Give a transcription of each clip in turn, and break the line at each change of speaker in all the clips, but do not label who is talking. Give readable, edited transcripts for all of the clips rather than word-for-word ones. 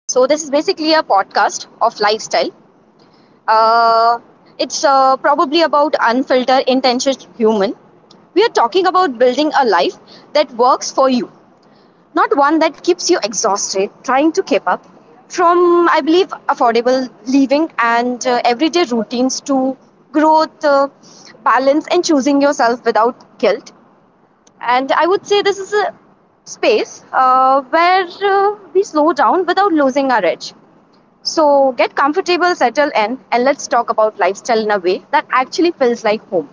So, this is basically a podcast of lifestyle. Uh, it's probably about unfiltered, intentions human. We are talking about building a life that works for you, not one that keeps you exhausted trying to keep up. From, I believe, affordable living and everyday routines to growth, balance, and choosing yourself without guilt. And I would say this is a space where we slow down without losing our edge. So get comfortable, settle in, and let's talk about lifestyle in a way that actually feels like home.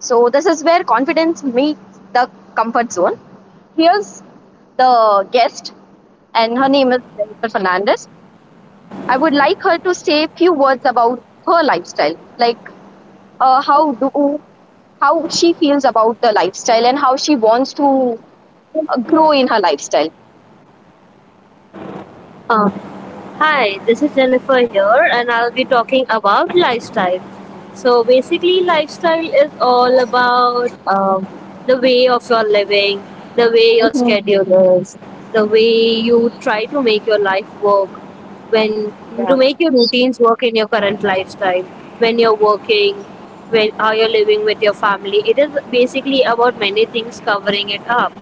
So this is where confidence meets the comfort zone. Here's the guest, and her name is Jennifer Fernandez. I would like her to say a few words about her lifestyle, like, uh, how do how she feels about the lifestyle and how she wants to grow in her lifestyle.
Uh, Hi, this is Jennifer here, and I'll be talking about lifestyle. So, basically, lifestyle is all about the way of your living, the way your
Mhm.
schedule is, the way you try to make your life work, when to
Yeah.
make your routines work in your current lifestyle, when you're working, when how you're living with your family. It is basically about many things covering it up,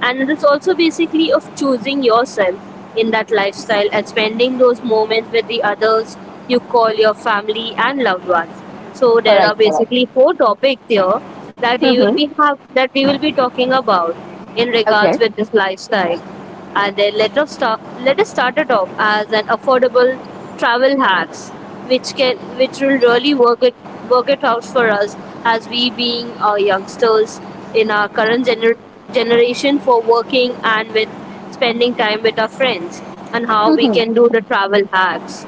and it is also basically of choosing yourself in that lifestyle and spending those moments with the others you call your family and loved ones. So there are
Correct. Correct.
basically four topics here that we will
Mm-hmm.
be have that we will be talking about in
Okay.
regards with this lifestyle, and their letter started off as an affordable travel hacks which can which will really work it out for us as we being youngsters in our generation for working and with spending time with our friends and how we can
Mm-hmm.
do the travel hacks.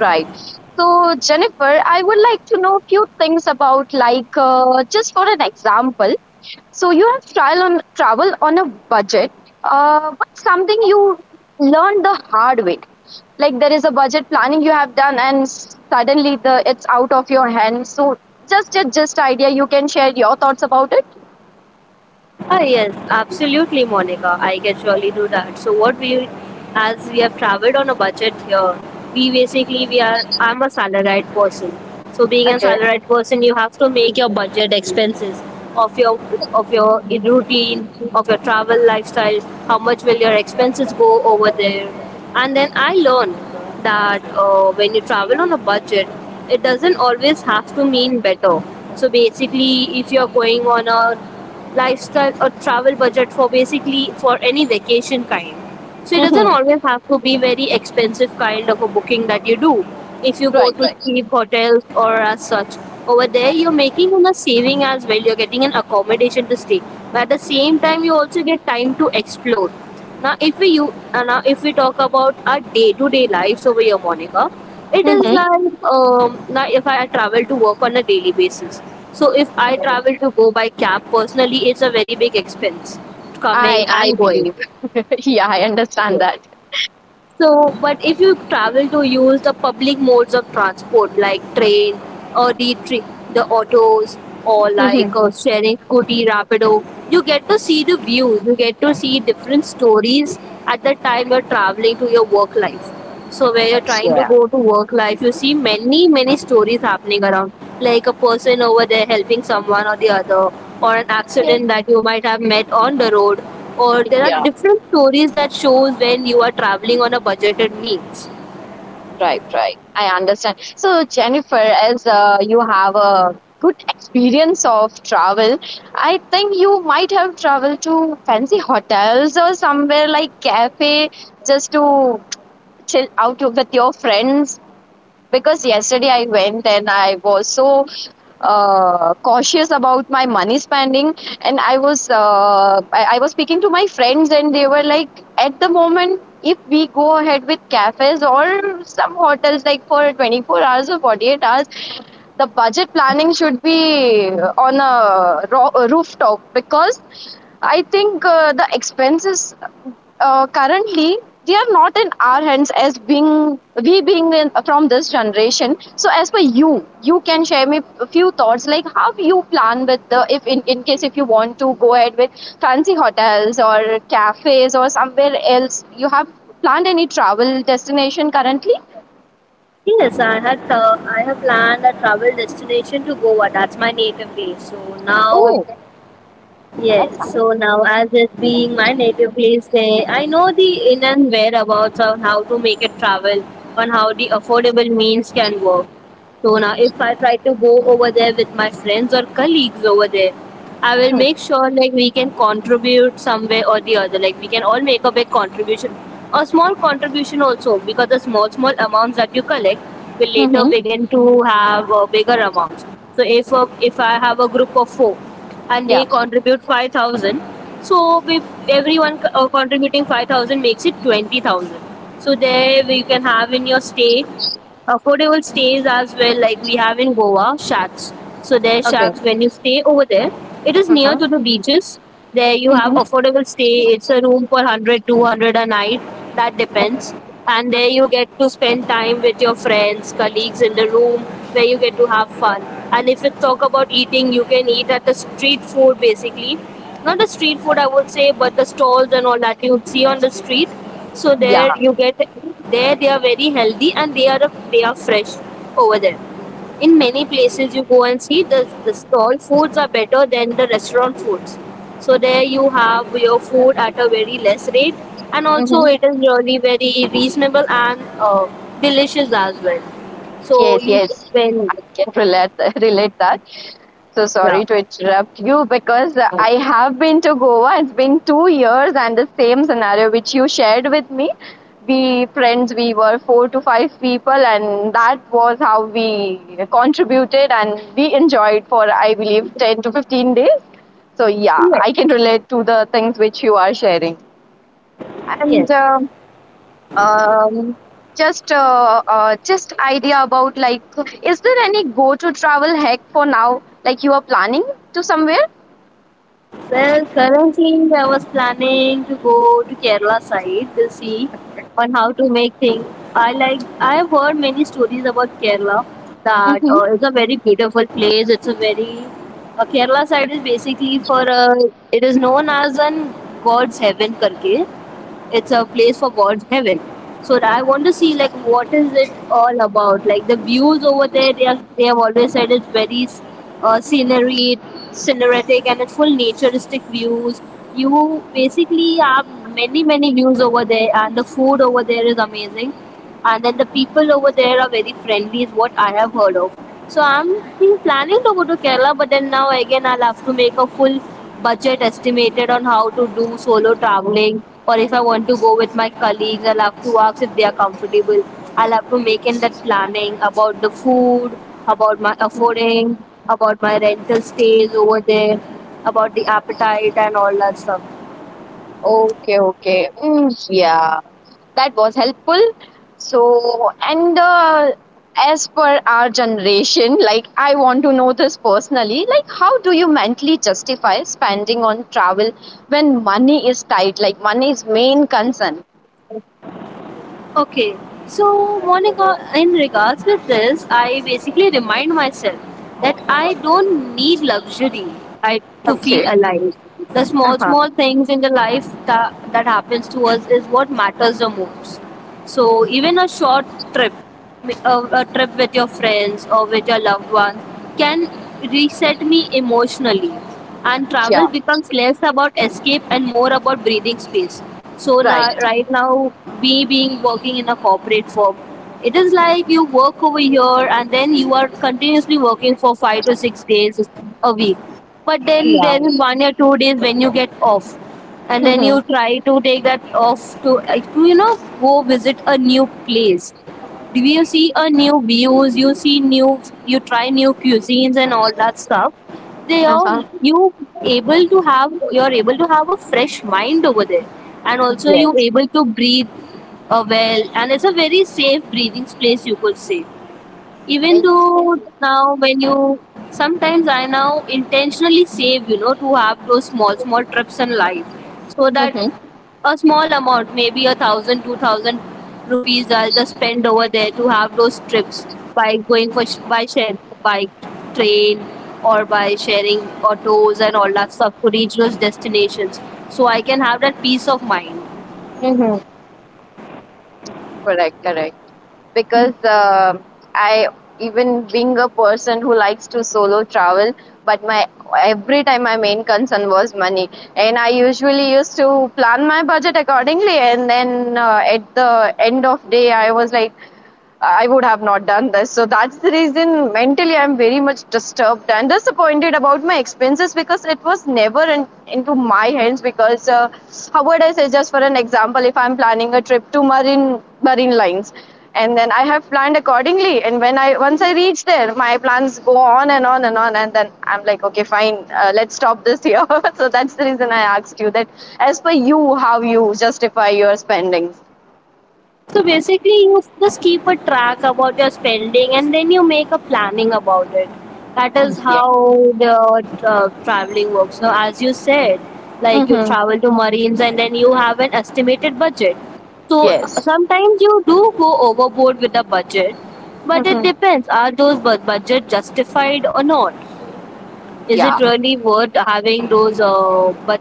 Right. So, Jennifer, I would like to know a few things about, like, just for an example. So, you have trial on travel on a budget, but something you learned the hard way. Like, there is a budget planning you have done, and suddenly the it's out of your hands. So, just idea, you can share your thoughts about it.
Ah, yes, absolutely, Monica. I can surely do that. So as we have traveled on a budget here, we basically we are. I'm a salaried person. So being a
Okay.
salaried person, you have to make your budget expenses of your of your routine, of your travel lifestyle. How much will your expenses go over there? And then I learned that when you travel on a budget, it doesn't always have to mean better. So basically, if you're going on a lifestyle or travel budget for basically for any vacation kind, so it
Mm-hmm.
doesn't always have to be very expensive kind of a booking that you do. If you go
Right.
to
Right.
cheap hotels or as such, over there you're making a saving as well. You're getting an accommodation to stay, but at the same time you also get time to explore. Now, if we you Now if we talk about our day-to-day lives over here, Monica, it is
Mm-hmm.
like now if I travel to work on a daily basis. So if I travel to go by cab personally, it's a very big expense coming
I
and going.
believe. Yeah, I understand that.
So, but if you travel to use the public modes of transport like train or the autos or like
Mhm.
sharing scooty, rapido, you get to see the views. You get to see different stories at the time you're traveling to your work life. So where you're trying to
Yeah.
go to work life, you see many many stories happening around, like a person over there helping someone or the other, or an
Yeah.
accident that you might have met on the road, or there are
Yeah,
different stories that shows when you are traveling on a budgeted means.
right, right. I understand. So Jennifer, as you have a good experience of travel, I think you might have traveled to fancy hotels or somewhere like cafe just to chill out with your friends because yesterday I went and I was so cautious about my money spending and I was speaking to my friends and they were like at the moment if we go ahead with cafes or some hotels like for 24 hours or 48 hours the budget planning should be on a rooftop because I think the expenses currently they are not in our hands as being we being from this generation. So as per you, you can share me a few thoughts like how you plan with the if in case if you want to go ahead with fancy hotels or cafes or somewhere else you have planned any travel destination currently?
Yes, I had I have planned a travel destination to Goa. That's my native place. So now.
Oh, that's
Yes,
nice.
so now as it being my native place there, I know the in and whereabouts of how to make it travel on how the affordable means can work. So now, if I try to go over there with my friends or colleagues over there, I will make sure like we can contribute some way or the other. Like we can all make a big contribution, a small contribution also, because the small small amounts that you collect will later
Mm-hmm.
begin to have bigger amounts. So if I have a group of four and
Yeah.
they contribute 5,000, so we, contributing 5,000 makes it 20,000. So there we can have in your stay affordable stays as well, like we have in Goa shacks. So there are shacks when you stay over there, it is near to
Mhm.
the beaches. There you have
Mhm.
affordable stay, it's a room for 100, 200 a night, that depends. And there you get to spend time with your friends colleagues in the room where you get to have fun. And if you talk about eating, you can eat at the street food basically, not the street food I would say, but the stalls and all that you see on the street. So
Yeah.
there you get, there they are very healthy and they are fresh over there. In many places you go and see, the stall foods are better than the restaurant foods. So there you have your food at a very less rate, and also
Mhm.
it is really very reasonable and delicious as well. So
Yes,
you
yes.
when
I can relate relate that. So
Yeah.
sorry to interrupt you because I have been to Goa. It's been 2 years, and the same scenario which you shared with me. We friends, we were four to five people, and that was how we contributed and we enjoyed for I believe 10 to 15 days. So yeah,
Yes.
I can relate to the things which you are sharing.
Yes.
And um just idea about like is there any go to travel hack for now like you are planning to somewhere.
Well, currently I was planning to go to Kerala side to see on how to make things. I have heard many stories about Kerala that
Mm-hmm.
it's a very beautiful place. It's a very Kerala side is basically it is known as an God's heaven karke, it's a place for God's heaven. So I want to see like what is it all about? Like the views over there, they have always said it's very scenery, cinematic, and it's full naturistic views. You basically have many many views over there, and the food over there is amazing, and then the people over there are very friendly is what I have heard of. So I'm been planning to go to Kerala, but then now again I'll have to make a full budget estimated on how to do solo traveling, or if I want to go with my colleagues I'll have to ask if they are comfortable. I'll have to make in that planning about the food, about my affording, about my rental stays over there, about the appetite and all that stuff.
Okay, okay. Mm, yeah, that was helpful. So and as per our generation, like I want to know this personally, like how do you mentally justify spending on travel when money is tight, like money is main concern.
Okay, so Monica, in regards with this, I basically remind myself that I don't need luxury to feel
Okay.
alive. The small,
Uh-huh.
small things in the life that happens to us is what matters the most. So even a short trip, a trip with your friends or with your loved ones, can reset me emotionally. And
Yeah.
travel becomes less about escape and more about breathing space. So
Right.
now, right now, me being working in a corporate firm, it is like you work over here and then you are continuously working for 5 to 6 days a week. But then
Yeah.
there is 1 or 2 days when you get off, and then you try to take that off to, like, to you know go visit a new place, do you see a new views, you see new, you try new cuisines and all that stuff. They all
Uh-huh.
you able to have a fresh mind over there, and also you
Yes.
able to breathe well, and it's a very safe breathing place you could say. Even though now when you sometimes I now intentionally save, you know, to have those small small trips in life, so that
Mm-hmm.
a small amount, maybe a thousand two thousand rupees, I'll just spend over there to have those trips, by going by share, by train, or by sharing autos and all that stuff to reach those destinations, so I can have that peace of mind.
Mm-hmm. Correct, correct. Because I, even being a person who likes to solo travel, but my every time my main concern was money, and I usually used to plan my budget accordingly. And then at the end of day, I was like. I would have not done this. So that's the reason mentally I'm very much disturbed and disappointed about my expenses because it was never into my hands. Because how would I say, just for an example, if I'm planning a trip to Marine Lines, and then I have planned accordingly, and when I once I reach there, my plans go on and on and on, and then I'm like, okay, fine, let's stop this here. So that's the reason I asked you that, as per you, how you justify your spendings.
So basically, you just keep a track about your spending and then you make a planning about it. That is
Yeah.
how the traveling works. Now, as you said, like you
Mm-hmm.
travel to Marines and then you have an estimated budget. So
Yes.
sometimes you do go overboard with the budget, but it
Mm-hmm.
depends, are those budget justified or not? Is
Yeah,
it really worth having those? Uh, but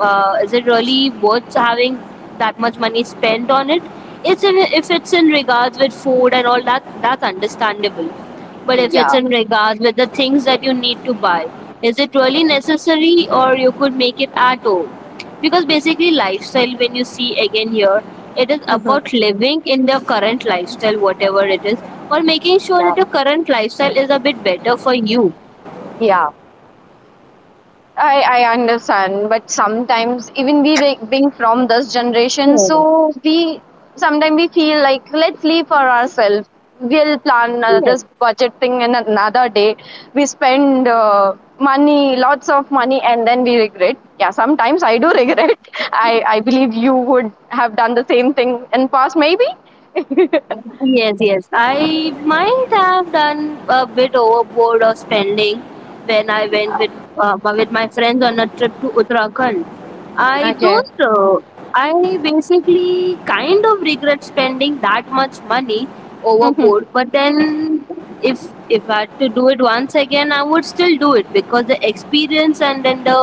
uh, is it really worth having that much money spent on it? If it's in regards with food and all that, that's understandable. But if it's
yeah,
in regards with the things that you need to buy, is it really necessary, or you could make it at home? Because basically, lifestyle when you see again here, it is about living in the current lifestyle, whatever it is, or making sure
yeah,
that your current lifestyle is a bit better for you.
yeah. I understand, but sometimes even being from this generation, so we sometimes we feel like let's live for ourselves. We'll plan
Yes,
this budget thing in another day. We spend money, lots of money, and then we regret. Yeah, sometimes I do regret. I believe you would have done the same thing in past, maybe.
yes, yes. I might have done a bit overboard of spending when I went with my friends on a trip to Uttarakhand. I
I guess.
don't. I basically kind of regret spending that much money
Hmm.
overboard. But then, if I had to do it once again, I would still do it, because the experience and then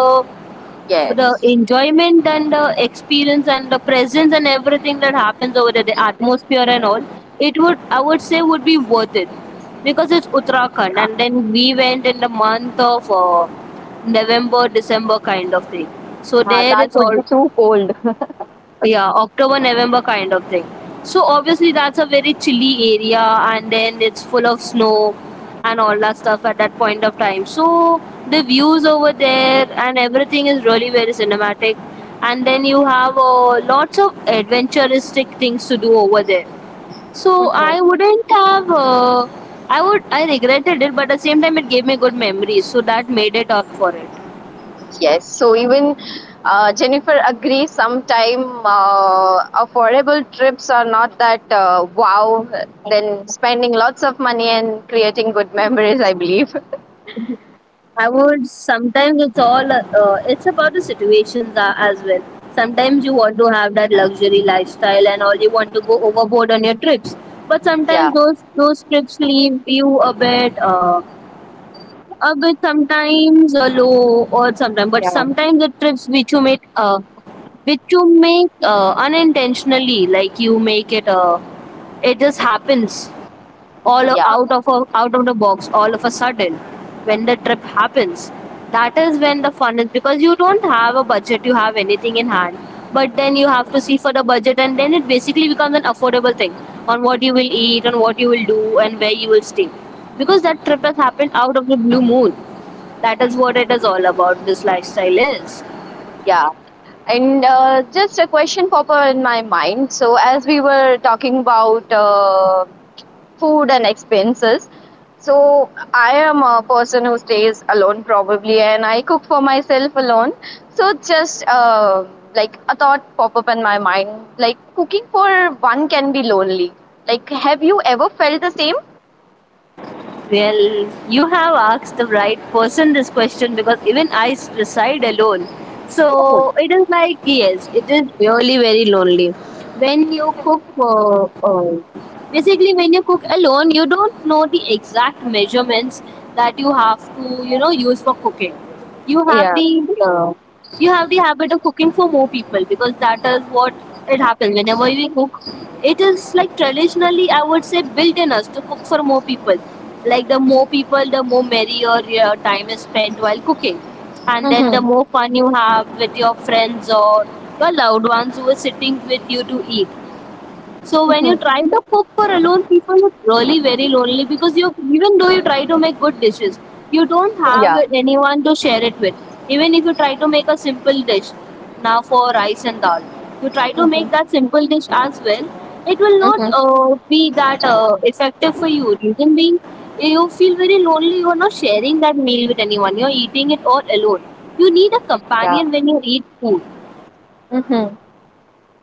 the
Yes.
enjoyment and the experience and the presence and everything that happens over there, the atmosphere and all, it would I would say would be worth it, because it's Uttarakhand, and then we went in the month of November, December kind of thing. So
Ah,
there,
that
it's
would
all
be too cold.
yeah, october november kind of thing. So obviously that's a very chilly area, and then it's full of snow and all that stuff at that point of time. So the views over there and everything is really very cinematic, and then you have lots of adventuristic things to do over there. So I wouldn't have I regretted it, but at the same time it gave me good memories, so that made it up for it.
Yes, so even Jennifer agrees. Sometime affordable trips are not that wow. Then spending lots of money and creating good memories, I believe.
I would sometimes it's all it's about the situations as well. Sometimes you want to have that luxury lifestyle and all, you want to go overboard on your trips, but
Yeah,
sometimes those trips leave you a bit sometimes low or sometimes. But
yeah,
sometimes the trips which you make unintentionally, like you make it it just happens all
yeah,
out of a, out of the box all of a sudden when the trip happens. That is when the fun is, because you don't have a budget, you have anything in hand, but then you have to see for the budget and then it basically becomes an affordable thing on what you will eat, on what you will do, and where you will stay, because that trip has happened out of the blue moon. That is what it is all about, this lifestyle is.
yeah. And just a question pop up in my mind. So as we were talking about food and expenses. So I am a person who stays alone probably, and I cook for myself alone. So just, like a thought pop up in my mind, like cooking for one can be lonely. Like, have you ever felt the same?
Well, you have asked the right person this question, because even reside alone.
Oh,
So it is like, yes, it is really very lonely. When you cook, basically, when you cook alone, you don't know the exact measurements that you have to, you know, use for cooking. You have
yeah.
the uh, you have the habit of cooking for more people, because that is what it happens whenever we cook. It is like traditionally I would say built in us to cook for more people. Like the more people, the more merrier your time is spent while cooking, and then the
Hmm.
more fun you have with your friends or your loved ones who are sitting with you to eat. So when you try to cook for alone people, it's really very lonely, because you even though you try to make good dishes, you don't have
Yeah.
anyone to share it with. Even if you try to make a simple dish, now for rice and dal, you try to make that simple dish as well. It will not
Hmm.
be that effective for you. Reason being, you feel very lonely. You are not sharing that meal with anyone. You are eating it all alone. You need a
Yeah.
companion when you eat food.
Hmm.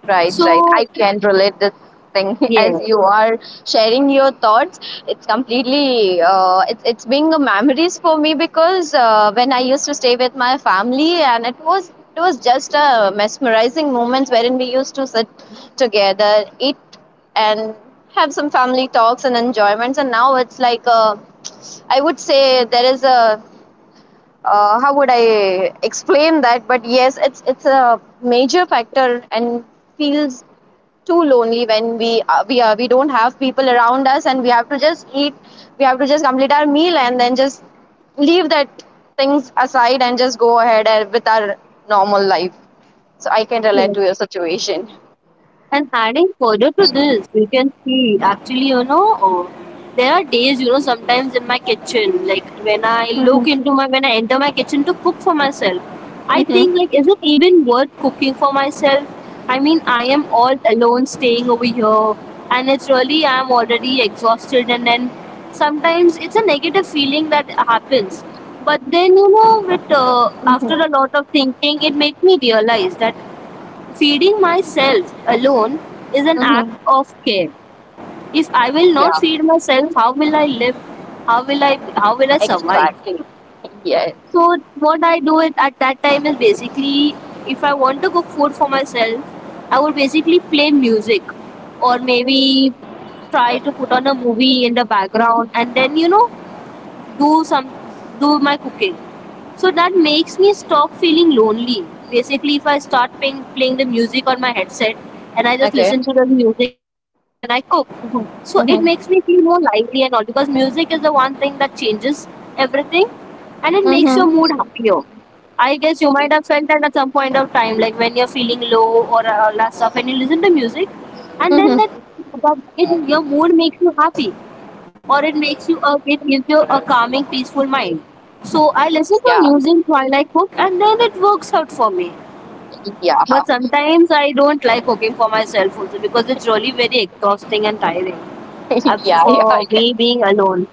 Right, right.
So
I can relate this thing
yeah.
as you are sharing your thoughts. It's completely it's being a memories for me because when I used to stay with my family and it was just a mesmerizing moments wherein we used to sit together, eat and have some family talks and enjoyments. And now it's like, I would say there is a, how would I explain that? But yes, it's a major factor and feels too lonely when we don't have people around us and we have to just eat, we have to just complete our meal and then just leave that things aside and just go ahead with our normal life, so I can relate to your situation.
And adding further to this, you can see actually, you know, there are days, you know, sometimes in my kitchen, like when I look
Mm-hmm.
into my, when I enter my kitchen to cook for myself, I think,
Mm-hmm.
like, is it even worth cooking for myself? I mean, I am all alone staying over here, and it's really, I'm already exhausted, and then sometimes it's a negative feeling that happens. But then, you know, with, after a lot of thinking, it made me realize that feeding myself alone is an act
Mm-hmm.
of care. If I will
Yeah,
not feed myself, how will I live? How will I survive?
exactly. Yes.
So what I do it at that time is basically if I want to cook food for myself, I would basically play music, or maybe try to put on a
Mhm.
movie in the background, and then you know do some do my cooking, so that makes me stop feeling lonely. Basically, if I start playing the music on my headset and I just
Okay.
listen to the music and I cook. So it
Mm-hmm.
makes me feel
Mm-hmm.
more lively and all, because music is the one thing that changes everything, and it makes your mood
Mm-hmm.
happier. I guess you might have felt that at some point of time, like when you're feeling low or all that stuff and you listen to music, and then
Mm-hmm.
that, that it, your mood makes you happy, or it makes you a it gives you a calming, peaceful mind. So I listen to
Yeah,
music while I cook, and then it works out for me.
yeah.
But sometimes I don't like cooking for myself also, because it's really very exhausting and tiring.
Yeah, yeah.
For me being alone,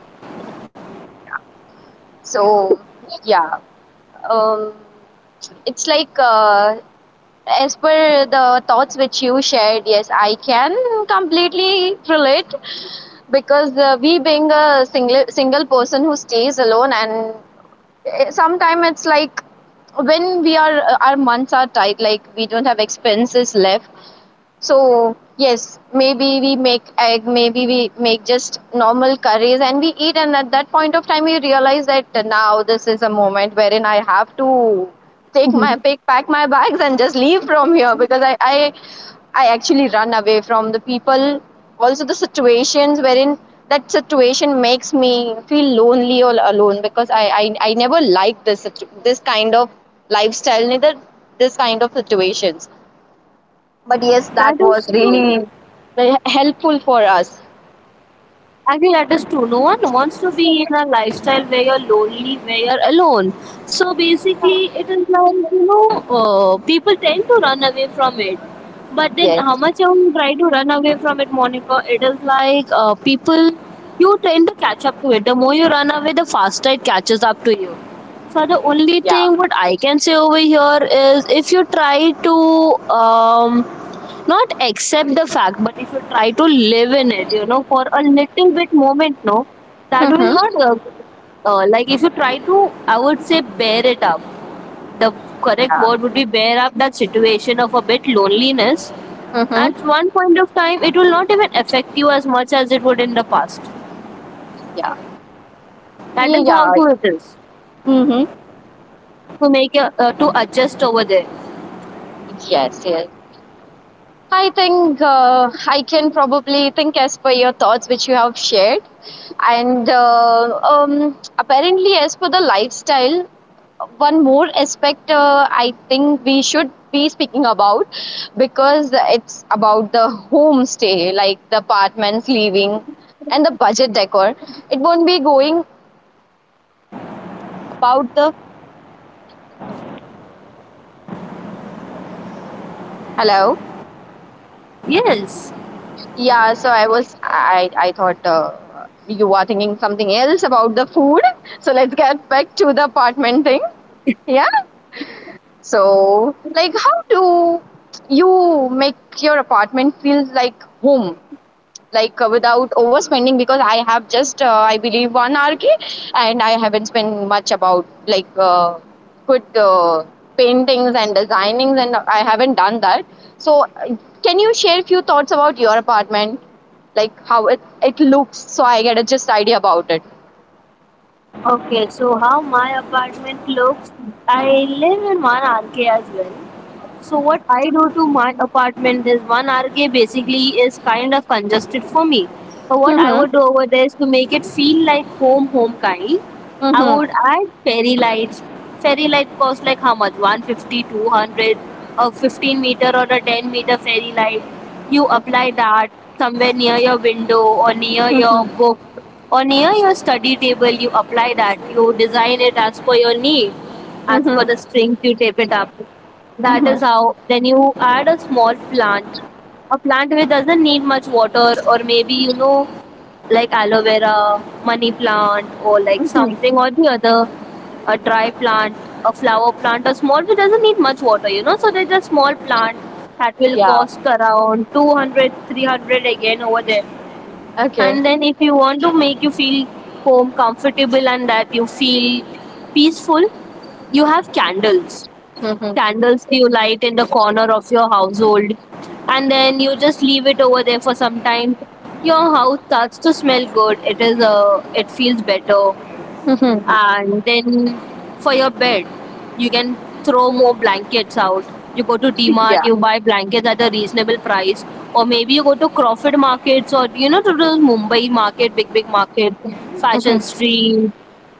So, yeah. um it's like, as per the thoughts which you shared, yes, I can completely relate because we being a single person who stays alone and sometimes it's like when we are our months are tight, like we don't have expenses left, so yes, maybe we make egg, maybe we make just normal curries and we eat. And at that point of time, we realize that now this is a moment wherein I have to take my
that
pick, pack my bags and just leave from here because I actually run away from the people. Also, the situations wherein that situation makes me feel lonely or alone because I never liked this kind of lifestyle, neither this kind of situations, but yes, that was
is true.
really very helpful for us.
Actually, that is true. No one wants to be in a lifestyle where you're lonely, where you're alone. So basically, it is like you know, people tend to run away from it. But then, how
Yes,
much you try to run away from it, Monica? It is like people you tend to catch up to it. The more you run away, the faster it catches up to you. So the only
yeah.
thing what I can say over here is if you try to not accept the fact, but if you try to live in it, you know, for a little bit moment no, that will
Mm-hmm.
not like if you try to I would say bear it up, the correct word would be bear up that situation of a bit loneliness.
Mm-hmm.
At one point of time it will not even affect you as much as it would in the past.
Yeah,
That is how
yeah.
true it is
Mm-hmm.
to make a, to adjust over there.
Yes, yes, I think I can probably think as per your thoughts, which you have shared. And apparently, as per the lifestyle, one more aspect I think we should be speaking about because it's about the homestay, like the apartments living and the budget decor. It won't be going about the hello.
Yes.
Yeah, so I was I thought you are thinking something else about the food. So let's get back to the apartment thing. Yeah. So like, how do you make your apartment feel like home? Like, without overspending because I have just, I believe one RK and I haven't spent much about like, good paintings and designings, and I haven't done that. So can you share a few thoughts about your apartment, like how it looks, so I get a just idea about it.
Okay, so how my apartment looks, I live in 1 RK as well. So what I do to my apartment is 1 RK basically is kind of congested for me. So what I
Mm-hmm.
would do over there is to make it feel like home, home kind. I
Mm-hmm.
would add fairy lights. Fairy light costs like how much? 150, 200, 200, a 15 meter or a 10-meter fairy light. You apply that somewhere near your window or near your
Mm-hmm.
book or near your study table. You apply that. You design it as per your need, as per
Mm-hmm.
the strings you tape it up. That is
Mm-hmm.
how. Then you add a small plant, a plant which doesn't need much water, or maybe you know, like aloe vera, money plant, or like
Mm-hmm.
something or the other, a dry plant, a flower plant, a small which doesn't need much water, you know. So there's a small plant that will
Yeah.
cost around 200, 300 again over there.
Okay.
And then if you want to make you feel home comfortable and that you feel peaceful, you have candles,
Mm-hmm.
candles you light in the corner of your household, and then you just leave it over there for some time. Your house starts to smell good, it is it feels better.
Mm-hmm.
And then for your bed you can throw more blankets out. You go to D
Yeah.
Mart, you buy blankets at a reasonable price, or maybe you go to crawford markets, or you know, to the mumbai market, big big market, fashion
Mm-hmm.
street,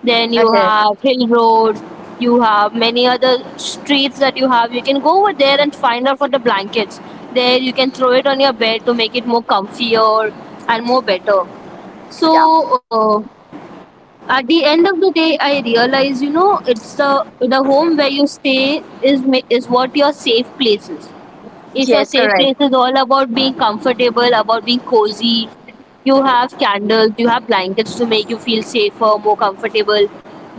then you
Okay.
have hill road, you have many other streets that you have, you can go over there and find out for the blankets. There you can throw it on your bed to make it more comfier and more better. So
Yeah.
at the end of the day I realize, you know, it's the home where you stay is what your safe place is. If your
Yes.
safe
Correct.
place is all about being comfortable, about being cozy, you have candles, you have blankets to make you feel safer, more comfortable.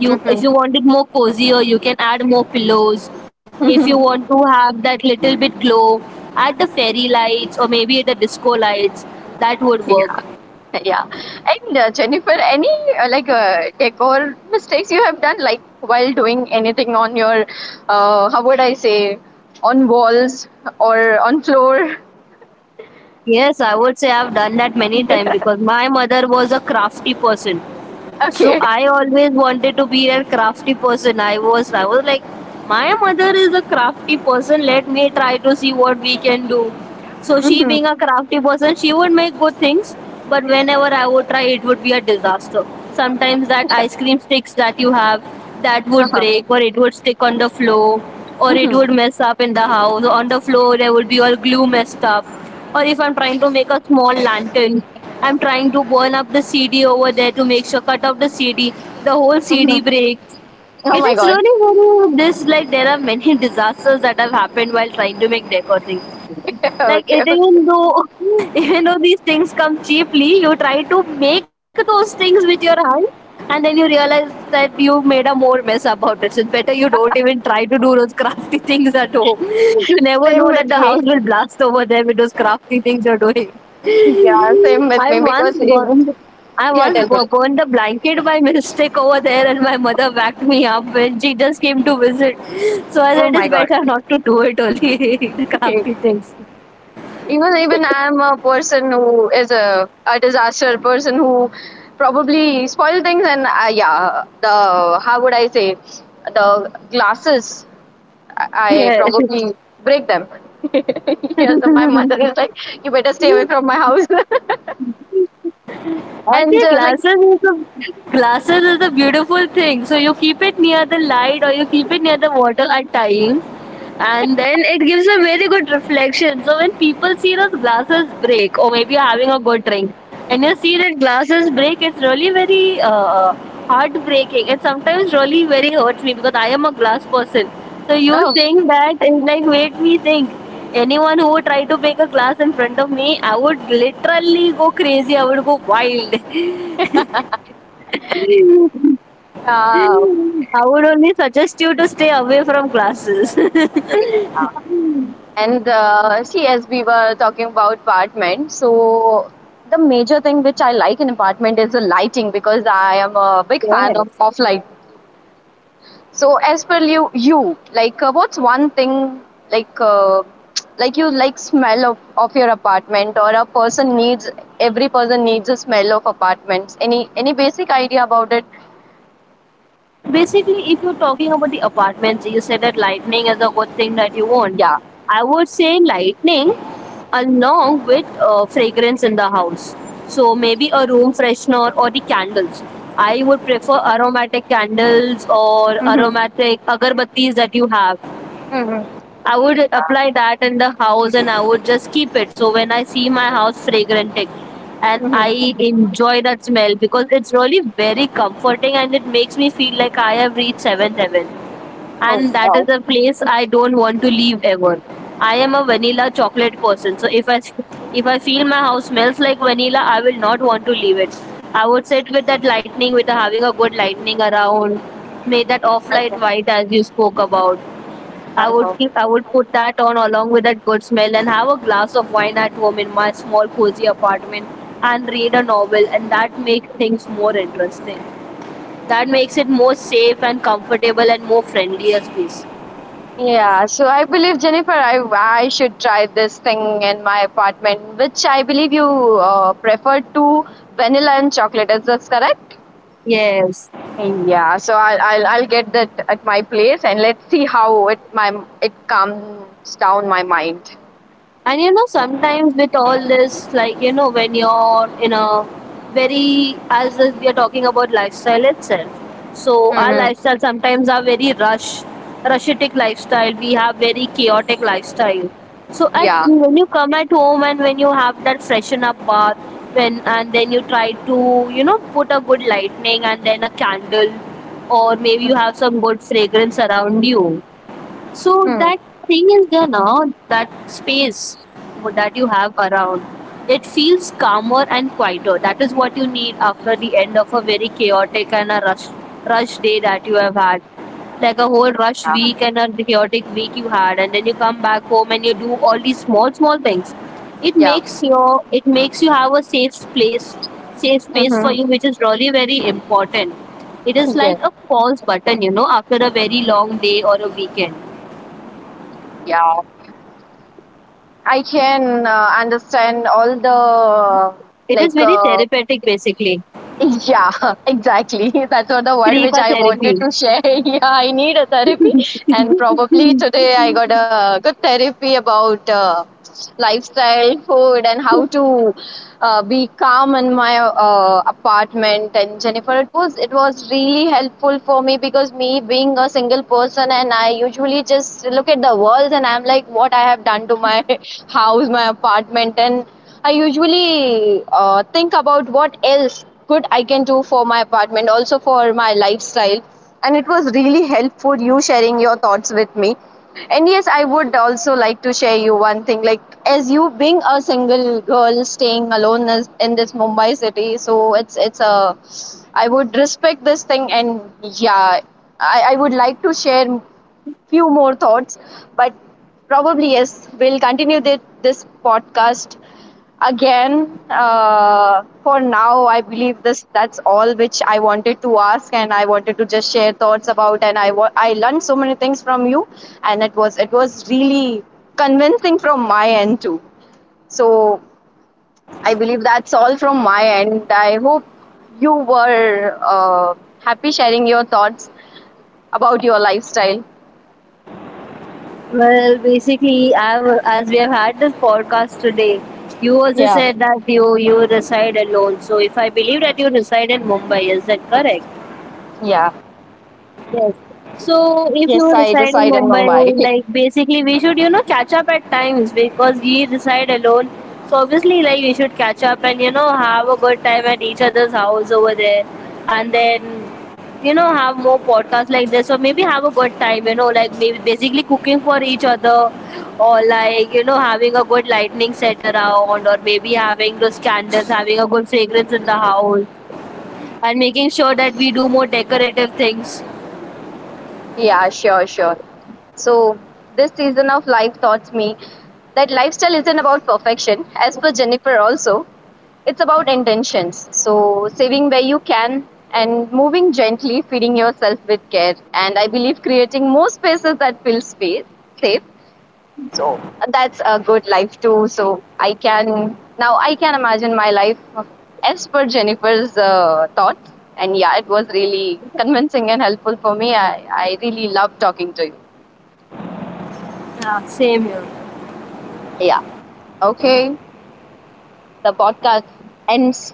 You if you
Mm-hmm.
want it more cozier, you can add more pillows. If you want
Mm-hmm.
to have that little bit glow, add the fairy lights or maybe the disco lights. That would work.
Yeah. And Jennifer, any like, decor mistakes you have done, like while doing anything on your, how would I say, on walls or on floor?
Yes, I would say I've done that many times because my mother was a crafty person. So
Okay.
I always wanted to be a crafty person. I was like, my mother is a crafty person. Let me try to see what we can do. So she
Mm-hmm.
being a crafty person, she would make good things, but whenever I would try, it would be a disaster. Sometimes that ice cream sticks that you have that would break, or it would stick on the floor, or it
Mm-hmm.
would mess up in the house. On the floor, there would be all glue messed up. Or if I'm trying to make a small lantern, I'm trying to burn up the CD over there to make sure cut off the CD. The whole
Hmm.
CD breaks.
Oh
It
my
is
God.
really very this, like there are many disasters that have happened while trying to make decor things. Like
Okay.
even though even though these things come cheaply, you try to make those things with your hand, and then you realize that you made a more mess about it. So it's better you don't even try to do those crafty things at home. You never
Same
know
with
that the
me.
house will blast over there with those crafty things you're doing.
Yeah, same with
I
me
once
because, if,
burned I
yeah,
once
tell me.
burned a blanket by mistake over there, and my mother backed me up when she just came to visit. So I
Oh
said
my
it's
God.
better not to do it only. The crafty things.
Even I'm a person who is a disaster person who probably spoil things and I, yeah, the, how would I say, the glasses, I I
Yeah.
probably break them. Yes, my mother is like, you better stay away from my house. and
Actually,
uh, like,
glasses is a beautiful thing. So you keep it near the light or you keep it near the water at times, and then it gives a very good reflection. So when people see those glasses break, or maybe you're having a good drink, and you see that glasses break, it's really very heartbreaking. It sometimes really very hurts me because I am a glass person. So you
oh,
think that it like made me think. Anyone who would try to make a class in front of me, I would literally go crazy. I would go wild.
uh,
I would only suggest you to stay away from classes.
and see, as we were talking about apartment, so the major thing which I like in apartment is the lighting because I am a big fan of
Yes.
off. So as per you, you like, what's one thing, like, like you like smell of your apartment, or a person needs every person needs a smell of apartments. Any basic idea about it?
Basically, if you're talking about the apartments, you said that lightning is a good thing that you want.
Yeah.
I would say lightning along with fragrance in the house. So maybe a room freshener or the candles. I would prefer aromatic candles or
Mm-hmm.
aromatic agarbattis that you have.
Mm-hmm.
I would apply that in the house and I would just keep it. So when I see my house fragranting and
Mm-hmm.
I enjoy that smell because it's really very comforting and it makes me feel like I have reached seventh heaven.
Oh
And that is
wow.
a place I don't want to leave ever. I am a vanilla chocolate person. So if I feel my house smells like vanilla, I will not want to leave it. I would sit with that lightning with having a good lightning around, made that off
Okay.
light white as you spoke about. I would
Wow.
keep, I would put that on along with that good smell and have a glass of wine at home in my small cozy apartment and read a novel, and that makes things more interesting. That makes it more safe and comfortable and more friendlier space.
Yeah, so I believe Jennifer, I should try this thing in my apartment, which I believe you prefer to vanilla and chocolate. Is this correct?
Yes.
Yeah, so I'll get that at my place and let's see how it my it calms down my mind.
And you know, sometimes with all this, like, you know, when you're in a very, as if we are talking about lifestyle itself. So, our
Hmm.
lifestyle sometimes are very rush, rushitic lifestyle. We have very chaotic lifestyle. So, at
Yeah.
when you come at home and when you have that freshen up bath, when and then you try to, you know, put a good lightning and then a candle, or maybe you have some good fragrance around you so
Hmm.
that thing is there now, that space that you have around, it feels calmer and quieter. That is what you need after the end of a very chaotic and a rush day that you have had. Like a whole rush week and a chaotic week you had, and then you come back home and you do all these small small things. It
Yeah.
makes your it makes you have a safe place, safe space for
Hmm.
you, which is really very important. It is
Yeah.
like a pause button, you know, after a very long day or a weekend.
Yeah. I can understand all the,
It is
like,
very therapeutic, basically.
yeah. Exactly. That's what the word
Free
which
ka
I wanted
therapy.
to share. Yeah, I need a therapy and probably today I got a good therapy about lifestyle, food, and how to be calm in my apartment. And Jennifer, it was really helpful for me because me being a single person, and I usually just look at the walls, and I'm like, what I have done to my house, my apartment, and I usually think about what else good I can do for my apartment, also for my lifestyle, and it was really helpful you sharing your thoughts with me. And yes, I would also like to share you one thing, like as you being a single girl staying alone in this Mumbai city, so it's, a, I would respect this thing, and yeah, I would like to share few more thoughts, but probably yes, we'll continue this podcast again. For now, I believe this, that's all which I wanted to ask, and I wanted to just share thoughts about, and I learned so many things from you, and it was really convincing from my end too. So I believe that's all from my end. I hope you were happy sharing your thoughts about your lifestyle.
Well, basically, I've, as we have had this podcast today, you also
Yeah,
said that you reside alone. So, if I believe that you reside in Mumbai, is that correct?
yeah.
Yes. So if you
Yes, I
reside in
reside in
Mumbai,
Mumbai.
like basically we should, you know, catch up at times because we reside alone. So obviously like we should catch up and, you know, have a good time at each other's house over there and then you know have more podcasts like this or maybe have a good time, you know, like maybe basically cooking for each other or like, you know, having a good lightning set around or maybe having those candles, having a good fragrance in the house and making sure that we do more decorative things.
Yeah, sure, sure. So, this season of life taught me that lifestyle isn't about perfection, as per Jennifer, also. It's about intentions. So, saving where you can and moving gently, feeding yourself with care. And I believe creating more spaces that feel space, safe, so that's a good life too. So I can now I can imagine my life as per Jennifer's thoughts. And yeah, it was really convincing and helpful for me. I really love talking to you.
Yeah, same here.
Yeah. Okay. The podcast ends.